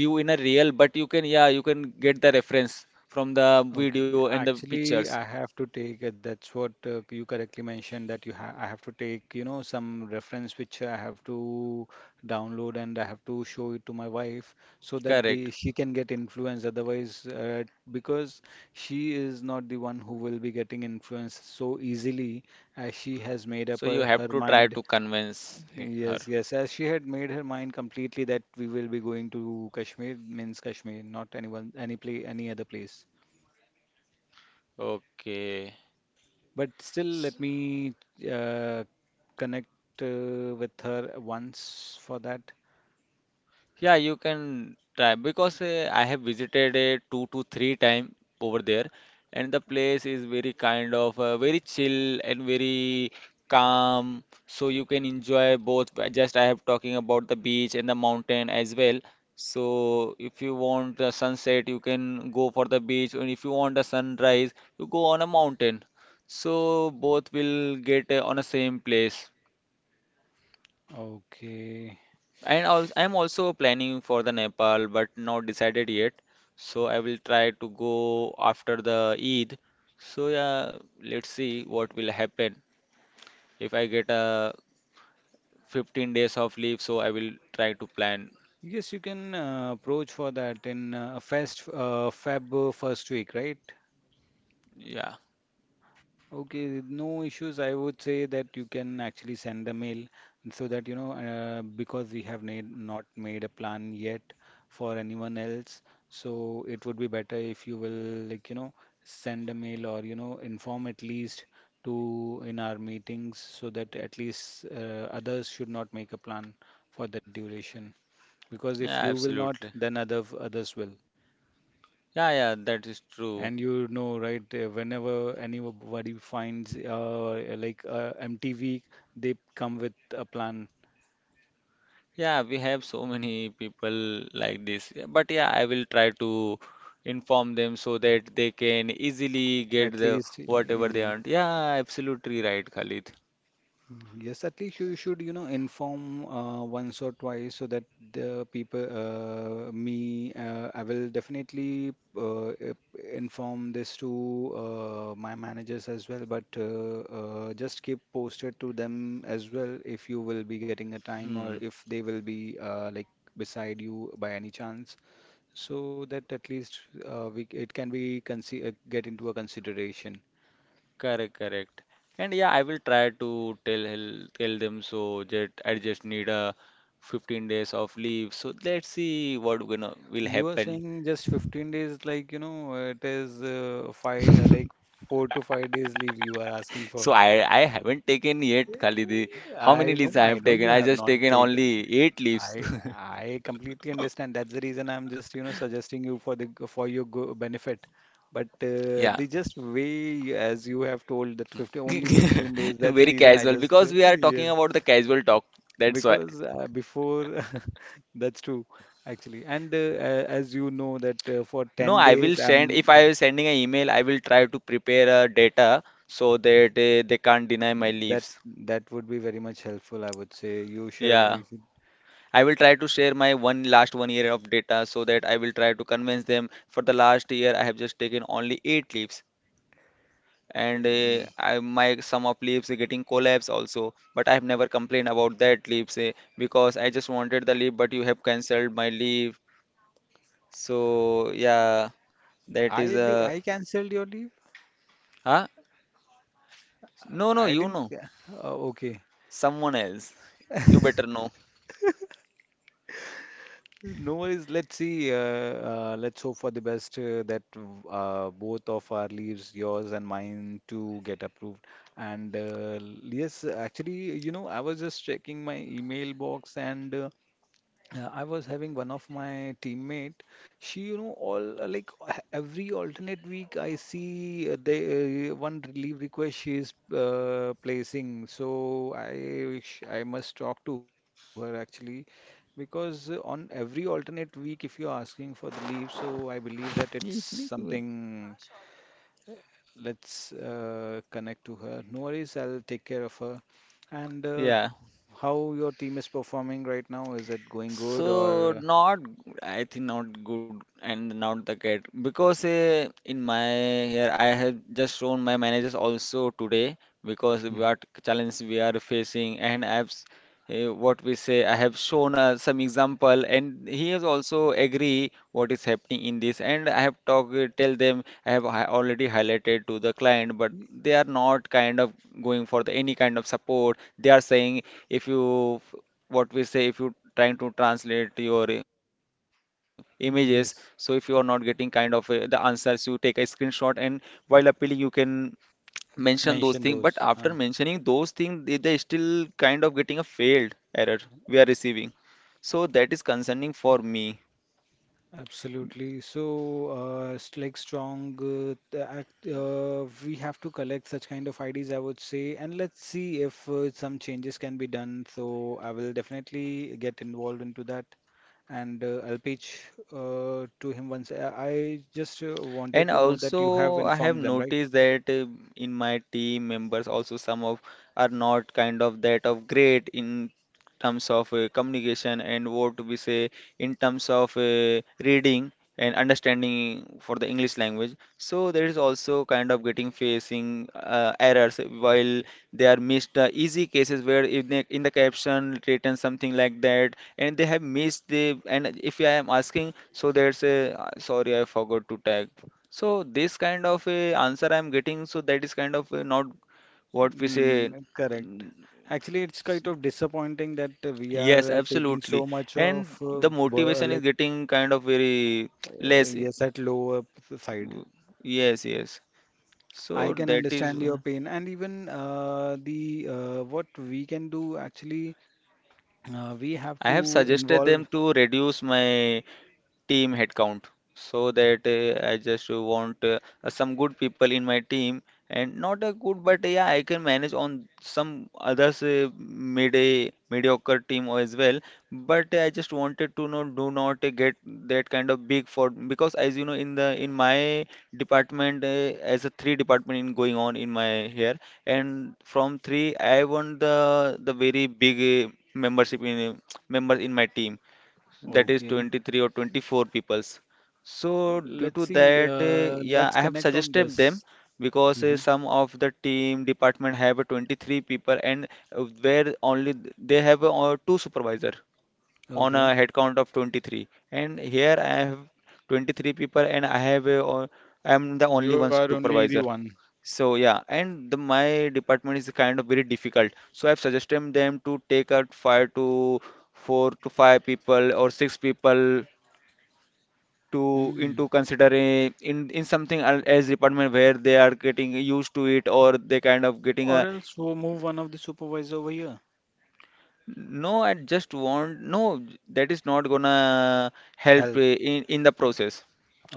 [SPEAKER 1] view in a real, but you can, yeah, you can get the reference from the
[SPEAKER 3] Okay.
[SPEAKER 1] video and the
[SPEAKER 3] Actually, I
[SPEAKER 1] pictures.
[SPEAKER 3] have to take, that's what you correctly mentioned, that you ha I have to take, some reference which I have to download, and I have to show it to my wife, so that
[SPEAKER 1] Correct.
[SPEAKER 3] they she can get influenced. Otherwise, because she is not the one who will be getting influenced so easily, as she has made up
[SPEAKER 1] So you have
[SPEAKER 3] her
[SPEAKER 1] to try
[SPEAKER 3] mind.
[SPEAKER 1] to convince her.
[SPEAKER 3] Yes, yes, as she had made her mind completely that we will be going to Kashmir, means Kashmir, not anyone, any place, any other place.
[SPEAKER 1] Okay.
[SPEAKER 3] But still, let me uh, connect with her once for that.
[SPEAKER 1] Yeah, you can try because I have visited two to three time over there, and the place is very kind of, very chill and very calm. So you can enjoy both. But just I have talking about the beach and the mountain as well. So if you want the sunset, you can go for the beach, and if you want the sunrise, you go on a mountain. So both will get on a same place.
[SPEAKER 3] Okay.
[SPEAKER 1] And also, I'm also planning for the Nepal, but not decided yet. So I will try to go after the Eid. So yeah, let's see what will happen. If I get a 15 days of leave, so I will try to plan.
[SPEAKER 3] Yes, you can approach for that in first Feb first week, right?
[SPEAKER 1] Yeah,
[SPEAKER 3] Okay, no issues. I would say that you can actually send the mail, so that because we have made, not made a plan yet for anyone else. So it would be better if you will like, send a mail, or inform at least to in our meetings, so that at least others should not make a plan for the duration. Because if
[SPEAKER 1] yeah,
[SPEAKER 3] you will not,
[SPEAKER 1] absolutely.
[SPEAKER 3] then others will.
[SPEAKER 1] Yeah, yeah, that is true.
[SPEAKER 3] And right, whenever anybody finds like MTV, they come with a plan.
[SPEAKER 1] Yeah, we have so many people like this. Yeah, but yeah, I will try to inform them so that they can easily get
[SPEAKER 3] At
[SPEAKER 1] the
[SPEAKER 3] least,
[SPEAKER 1] whatever they want. Yeah, absolutely right, Khalid.
[SPEAKER 3] Yes, at least you should, you know, inform once or twice so that I will definitely inform this to my managers as well. But just keep posted to them as well if you will be getting a time or
[SPEAKER 1] Hmm.
[SPEAKER 3] if they will be like beside you by any chance, so that at least we it can be consi get into a consideration.
[SPEAKER 1] Correct, correct. And yeah, I will try to tell tell them so that I just need a 15 days of leave. So let's see what gonna will
[SPEAKER 3] You are
[SPEAKER 1] happen.
[SPEAKER 3] saying just 15 days, like, you know, it is five, like 4 to 5 days leave you are asking
[SPEAKER 1] So
[SPEAKER 3] for.
[SPEAKER 1] I haven't taken yet, Khalidi. How many leaves I
[SPEAKER 3] I
[SPEAKER 1] have
[SPEAKER 3] know
[SPEAKER 1] taken?
[SPEAKER 3] you
[SPEAKER 1] I
[SPEAKER 3] have
[SPEAKER 1] just
[SPEAKER 3] not
[SPEAKER 1] taken
[SPEAKER 3] taken.
[SPEAKER 1] only 8 leaves.
[SPEAKER 3] I I completely understand. That's the reason I'm just, you know, suggesting you for the for your go benefit. But
[SPEAKER 1] Yeah.
[SPEAKER 3] the just way as you have told that 50 only 15 days. That's the
[SPEAKER 1] Very
[SPEAKER 3] reason I
[SPEAKER 1] casual
[SPEAKER 3] just
[SPEAKER 1] because we are
[SPEAKER 3] yes.
[SPEAKER 1] talking about the casual talk. That's why.
[SPEAKER 3] Because before, that's true, actually. And as you know, that for
[SPEAKER 1] No,
[SPEAKER 3] 10
[SPEAKER 1] I will
[SPEAKER 3] days,
[SPEAKER 1] send, if I
[SPEAKER 3] I'm
[SPEAKER 1] am sending an email, I will try to prepare a data so that they can't deny my
[SPEAKER 3] that
[SPEAKER 1] leaves.
[SPEAKER 3] that would be very much helpful, I would say. You share.
[SPEAKER 1] Yeah. I will try to share my one last one year of data so that I will try to convince them. For the last year, I have just taken only eight leaves, and
[SPEAKER 3] Uh,
[SPEAKER 1] I, my sum of leaves are getting collapse also. But I have never complained about that leaves, because I just wanted the leave, but you have cancelled my leave. So yeah, that
[SPEAKER 3] I
[SPEAKER 1] is a,
[SPEAKER 3] I canceled your leave.
[SPEAKER 1] huh? No, no,
[SPEAKER 3] I
[SPEAKER 1] you
[SPEAKER 3] didn't.
[SPEAKER 1] know,
[SPEAKER 3] Oh, okay.
[SPEAKER 1] someone else. You better know.
[SPEAKER 3] No worries. Let's see. Let's hope for the best that both of our leaves, yours and mine, to get approved. And yes, actually, you know, I was just checking my email box and. I was having one of my teammate. She, you know, all like every alternate week, I see they one leave request she is placing. So I wish I must talk to her actually, because on every alternate week, if you're asking for the leave, so I believe that it's something. uh, Let's connect to her. No worries, I'll take care of her. And
[SPEAKER 1] Yeah.
[SPEAKER 3] how your team is performing right now? Is it going good
[SPEAKER 1] So
[SPEAKER 3] or?
[SPEAKER 1] not, I think not good and not the cat, because in my here I have just shown my managers also today, because
[SPEAKER 3] Mhm.
[SPEAKER 1] what challenge we are facing, and what we say, I have shown some example and he has also agree what is happening in this. And I have talked, tell them, I have already highlighted to the client, but
[SPEAKER 3] Y-
[SPEAKER 1] they are not kind of going for the any kind of support. They are saying, if you, what we say, if you trying to translate your images, so if you are not getting
[SPEAKER 3] Yes,
[SPEAKER 1] kind of the answers, you take a screenshot, and while appealing you can mention those things, but
[SPEAKER 3] mention
[SPEAKER 1] after
[SPEAKER 3] those.
[SPEAKER 1] mentioning those things they still kind of getting a failed error we are receiving. So that is concerning for me.
[SPEAKER 3] Absolutely. So, like strong, we have to collect such kind of IDs, I would say, and let's see if some changes can be done. So, I will definitely get involved into that, and I'll pitch to him once. I just wanted
[SPEAKER 1] And
[SPEAKER 3] to know that you have
[SPEAKER 1] also, I have
[SPEAKER 3] informed them, right?
[SPEAKER 1] noticed that in my team members, also some of are not kind of that of great in terms of communication, and what we say, in terms of reading and understanding for the English language. So there is also kind of getting facing errors while they are missed the easy cases, where if they, in the caption written something like that and they have missed the, and if I am asking, so there's a, sorry I forgot to tag, so this kind of a answer I'm getting, so that is kind of not, what we say.
[SPEAKER 3] Mm, correct. Actually, it's kind of disappointing that we
[SPEAKER 1] Yes,
[SPEAKER 3] are taking
[SPEAKER 1] absolutely.
[SPEAKER 3] so much of
[SPEAKER 1] And the motivation is
[SPEAKER 3] like
[SPEAKER 1] getting kind of very less.
[SPEAKER 3] yes at lower side.
[SPEAKER 1] Yes, yes.
[SPEAKER 3] I
[SPEAKER 1] So
[SPEAKER 3] can
[SPEAKER 1] that is,
[SPEAKER 3] understand your pain, and even the what we can do actually, we have
[SPEAKER 1] I have
[SPEAKER 3] to
[SPEAKER 1] suggested them
[SPEAKER 3] involve.
[SPEAKER 1] to reduce my team headcount so that I just want some good people in my team and not a good, but yeah, I can manage on some others, mid, a mediocre team as well. But I just wanted to know, do not get that kind of big for, because as you know in the in my department, as a three department in going on in my here, and from three I want the very big membership in member in my team, that is
[SPEAKER 3] Okay,
[SPEAKER 1] 23 or 24 peoples. So
[SPEAKER 3] let's
[SPEAKER 1] due to
[SPEAKER 3] see.
[SPEAKER 1] that,
[SPEAKER 3] Let's
[SPEAKER 1] yeah, I have
[SPEAKER 3] connect on
[SPEAKER 1] suggested
[SPEAKER 3] this.
[SPEAKER 1] them, because
[SPEAKER 3] Hmm.
[SPEAKER 1] some of the team department have 23 people, and where only they have two supervisor on
[SPEAKER 3] Okay,
[SPEAKER 1] a head count of 23. And here I have 23 people and I have I am the only
[SPEAKER 3] you
[SPEAKER 1] one
[SPEAKER 3] are only the
[SPEAKER 1] supervisor.
[SPEAKER 3] one.
[SPEAKER 1] So yeah, and the my department is kind of very difficult. So I've suggested them to take out five to four to five people or six people to into
[SPEAKER 3] Hmm.
[SPEAKER 1] considering in something as department, where they are getting used to it or they kind of getting
[SPEAKER 3] Or
[SPEAKER 1] a
[SPEAKER 3] else we'll move one of the supervisor over here.
[SPEAKER 1] no. I just want no, that is not gonna help
[SPEAKER 3] Help.
[SPEAKER 1] in the process.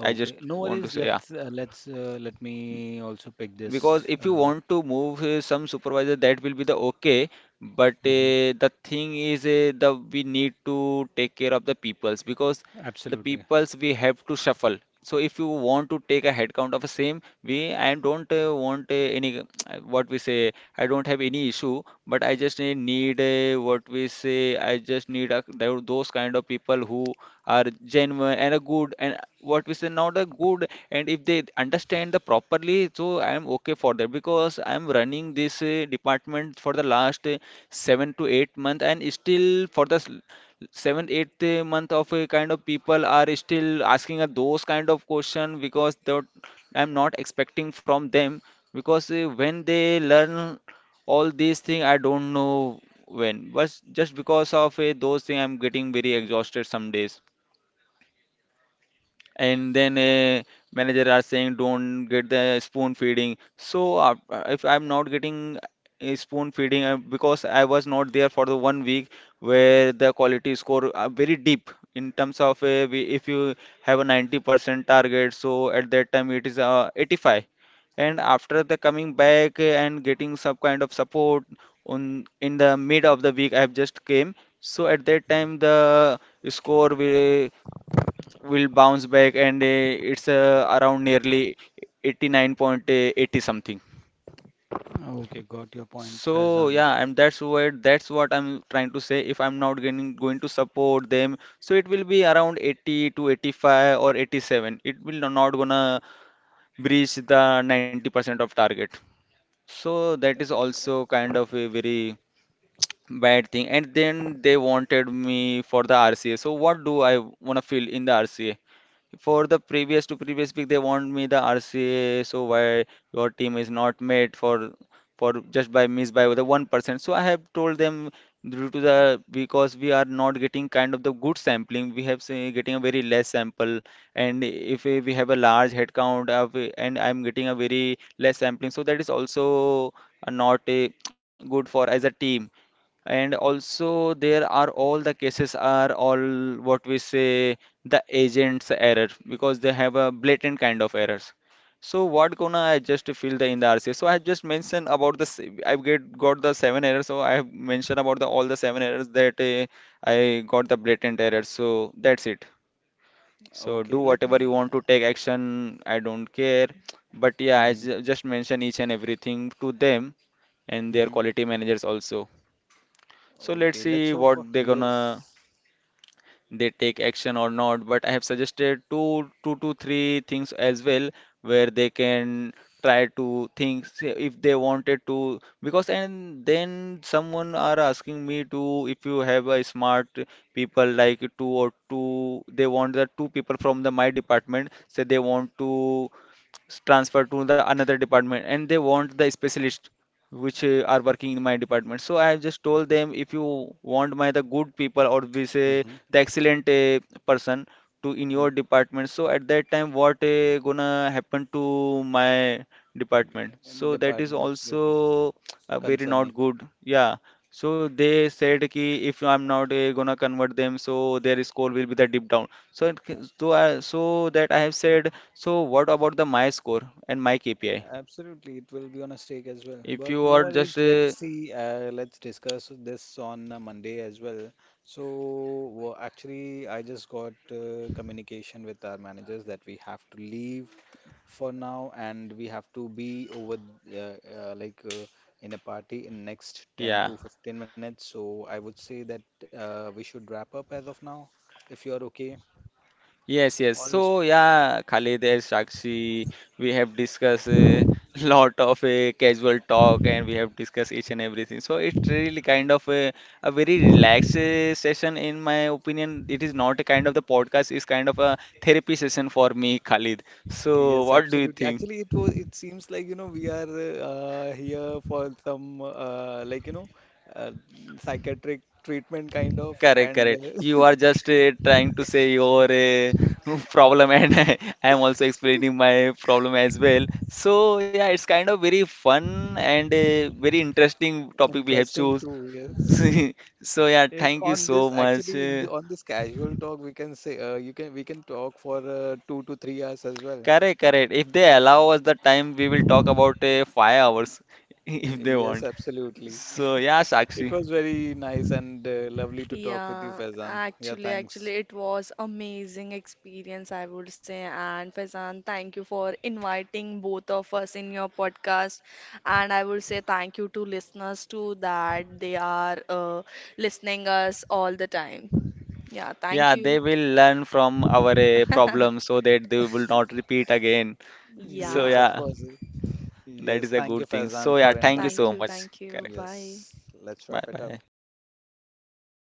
[SPEAKER 1] I just
[SPEAKER 3] no
[SPEAKER 1] want to
[SPEAKER 3] worries.
[SPEAKER 1] say, yeah,
[SPEAKER 3] Let me also pick
[SPEAKER 1] because
[SPEAKER 3] this.
[SPEAKER 1] if you want to move some supervisor, that will be the okay, but
[SPEAKER 3] Mhm.
[SPEAKER 1] the thing is, the we need to take care of the peoples, because the
[SPEAKER 3] Absolutely.
[SPEAKER 1] peoples we have to shuffle. So if you want to take a headcount of the same, we I don't want any what we say, I don't have any issue, but I just need what we say, I just need a, those kind of people who are genuine and a good, and what we say, not a good, and if they understand the properly, so I am okay for that, because I am running this department for the last 7 to 8 month, and still for the 7th 8th month of a kind of people are still asking those kind of question, because that I'm not expecting from them. Because when they learn all these things I don't know when, but just because of those things I'm getting very exhausted some days. And then manager are saying, don't get the spoon feeding. So if I'm not getting a spoon feeding because I was not there for the 1 week, where the quality score are very deep in terms of if you have a 90% target, so at that time it is 85, and after the coming back and getting some kind of support on in the mid of the week, I have just came. So at that time the score will bounce back, and it's around nearly 89.80 something.
[SPEAKER 3] Okay, got your point,
[SPEAKER 1] So
[SPEAKER 3] Faizan.
[SPEAKER 1] yeah, and that's what I'm trying to say. If I'm not going to support them, so it will be around 80 to 85 or 87. It will no, not gonna breach the 90% of target. So that is also kind of a very bad thing. And then they wanted me for the RCA. So what do I wanna feel in the RCA? For the previous to previous week, they want me the RCA. So why your team is not made for just by miss by the 1%? So I have told them, due to the because we are not getting kind of the good sampling. We have say, getting a very less sample, and if we have a large head count of, and I'm getting a very less sampling, so that is also not good for as a team. And also there are all the cases are all what we say the agent's error, because they have a blatant kind of errors. So what gonna I just fill the in the RCA? So I have just mentioned about the I've get got the 7 errors. So I have mentioned about the all the 7 errors that I got the blatant errors. So that's it. So do
[SPEAKER 3] Okay, let
[SPEAKER 1] whatever you
[SPEAKER 3] me.
[SPEAKER 1] want to take action. I don't care. But yeah, I
[SPEAKER 3] Mhm,
[SPEAKER 1] just mention each and everything to them and their
[SPEAKER 3] mhm.
[SPEAKER 1] quality managers also. So let's
[SPEAKER 3] Okay, let's
[SPEAKER 1] see
[SPEAKER 3] hope
[SPEAKER 1] what
[SPEAKER 3] for
[SPEAKER 1] they're gonna
[SPEAKER 3] yes.
[SPEAKER 1] they take action or not. But I have suggested two to three things as well, where they can try to think say, if they wanted to because. And then someone are asking me to, if you have a smart people like two, they want the two people from the my department, say they want to transferred to the another department and they want the specialist which are working in my department. So I just told them, if you want my the good people, or we say
[SPEAKER 3] Hmm.
[SPEAKER 1] the excellent person to in your department, so at that time what gonna happen to my department, so that is
[SPEAKER 3] Department, absolutely
[SPEAKER 1] also very not
[SPEAKER 3] concerning.
[SPEAKER 1] good, yeah. So they said कि if I'm not gonna convert them, so their score will be the dip down. So it, so I so that I have said, so what about the my score and my KPI?
[SPEAKER 3] Absolutely, it will be on a stake as well.
[SPEAKER 1] If
[SPEAKER 3] But
[SPEAKER 1] you
[SPEAKER 3] no
[SPEAKER 1] are just
[SPEAKER 3] worries, let's see, let's discuss this on Monday as well. So, actually, I just got communication with our managers that we have to leave for now and we have to be over uh, uh, like uh, in a party in next 10
[SPEAKER 1] yeah.
[SPEAKER 3] to 15 minutes. So, I would say that we should wrap up as of now, if you are okay,
[SPEAKER 1] Yes, yes.
[SPEAKER 3] or else.
[SPEAKER 1] So yeah, Khalid and Sakshi, we have discussed a lot of a casual talk, and we have discussed each and everything. So it's really kind of a very relaxed session in my opinion. It is not a kind of the podcast, it's kind of a therapy session for me, Khalid. So
[SPEAKER 3] Yes,
[SPEAKER 1] what do you
[SPEAKER 3] absolutely.
[SPEAKER 1] think?
[SPEAKER 3] Actually, it was. It seems like you know we are here for some like you know uh, psychiatric treatment kind of
[SPEAKER 1] Correct,
[SPEAKER 3] and
[SPEAKER 1] correct. You
[SPEAKER 3] uh,
[SPEAKER 1] are just trying to say your problem, and I am also explaining my problem as well. So yeah, it's kind of very fun and a very interesting topic we have
[SPEAKER 3] interesting
[SPEAKER 1] choose.
[SPEAKER 3] too. Yes,
[SPEAKER 1] So yeah,
[SPEAKER 3] yes.
[SPEAKER 1] thank you
[SPEAKER 3] On this
[SPEAKER 1] so much.
[SPEAKER 3] actually on this casual talk we can say you can we can talk for 2 to 3 hours as well.
[SPEAKER 1] Correct, correct. If they allow us the time, we will talk about 5 hours if they
[SPEAKER 3] Yes,
[SPEAKER 1] want.
[SPEAKER 3] absolutely.
[SPEAKER 1] So yeah,
[SPEAKER 3] It
[SPEAKER 1] Sakshi.
[SPEAKER 3] was very nice and lovely to talk with you,
[SPEAKER 2] Yeah,
[SPEAKER 3] Faizan. Yeah,
[SPEAKER 2] actually,
[SPEAKER 3] thanks.
[SPEAKER 2] it was amazing experience, I would say. And Faizan, thank you for inviting both of us in your podcast. And I would say thank you to listeners too that they are listening us all the time. Yeah, thank
[SPEAKER 1] Yeah,
[SPEAKER 2] you.
[SPEAKER 1] they will learn from our problem, so that they will not repeat again. So
[SPEAKER 3] Yes,
[SPEAKER 2] Yeah.
[SPEAKER 3] of
[SPEAKER 1] yeah.
[SPEAKER 3] course.
[SPEAKER 1] That is
[SPEAKER 3] Yes,
[SPEAKER 1] a
[SPEAKER 3] thank you,
[SPEAKER 1] good thing. So
[SPEAKER 3] Faizan,
[SPEAKER 1] yeah,
[SPEAKER 3] for
[SPEAKER 1] thank you
[SPEAKER 2] Thank
[SPEAKER 1] so
[SPEAKER 3] inviting.
[SPEAKER 2] you.
[SPEAKER 1] much.
[SPEAKER 2] Thank you.
[SPEAKER 1] Correct.
[SPEAKER 2] Bye.
[SPEAKER 3] Yes, let's
[SPEAKER 1] Bye
[SPEAKER 3] wrap it up.
[SPEAKER 1] bye.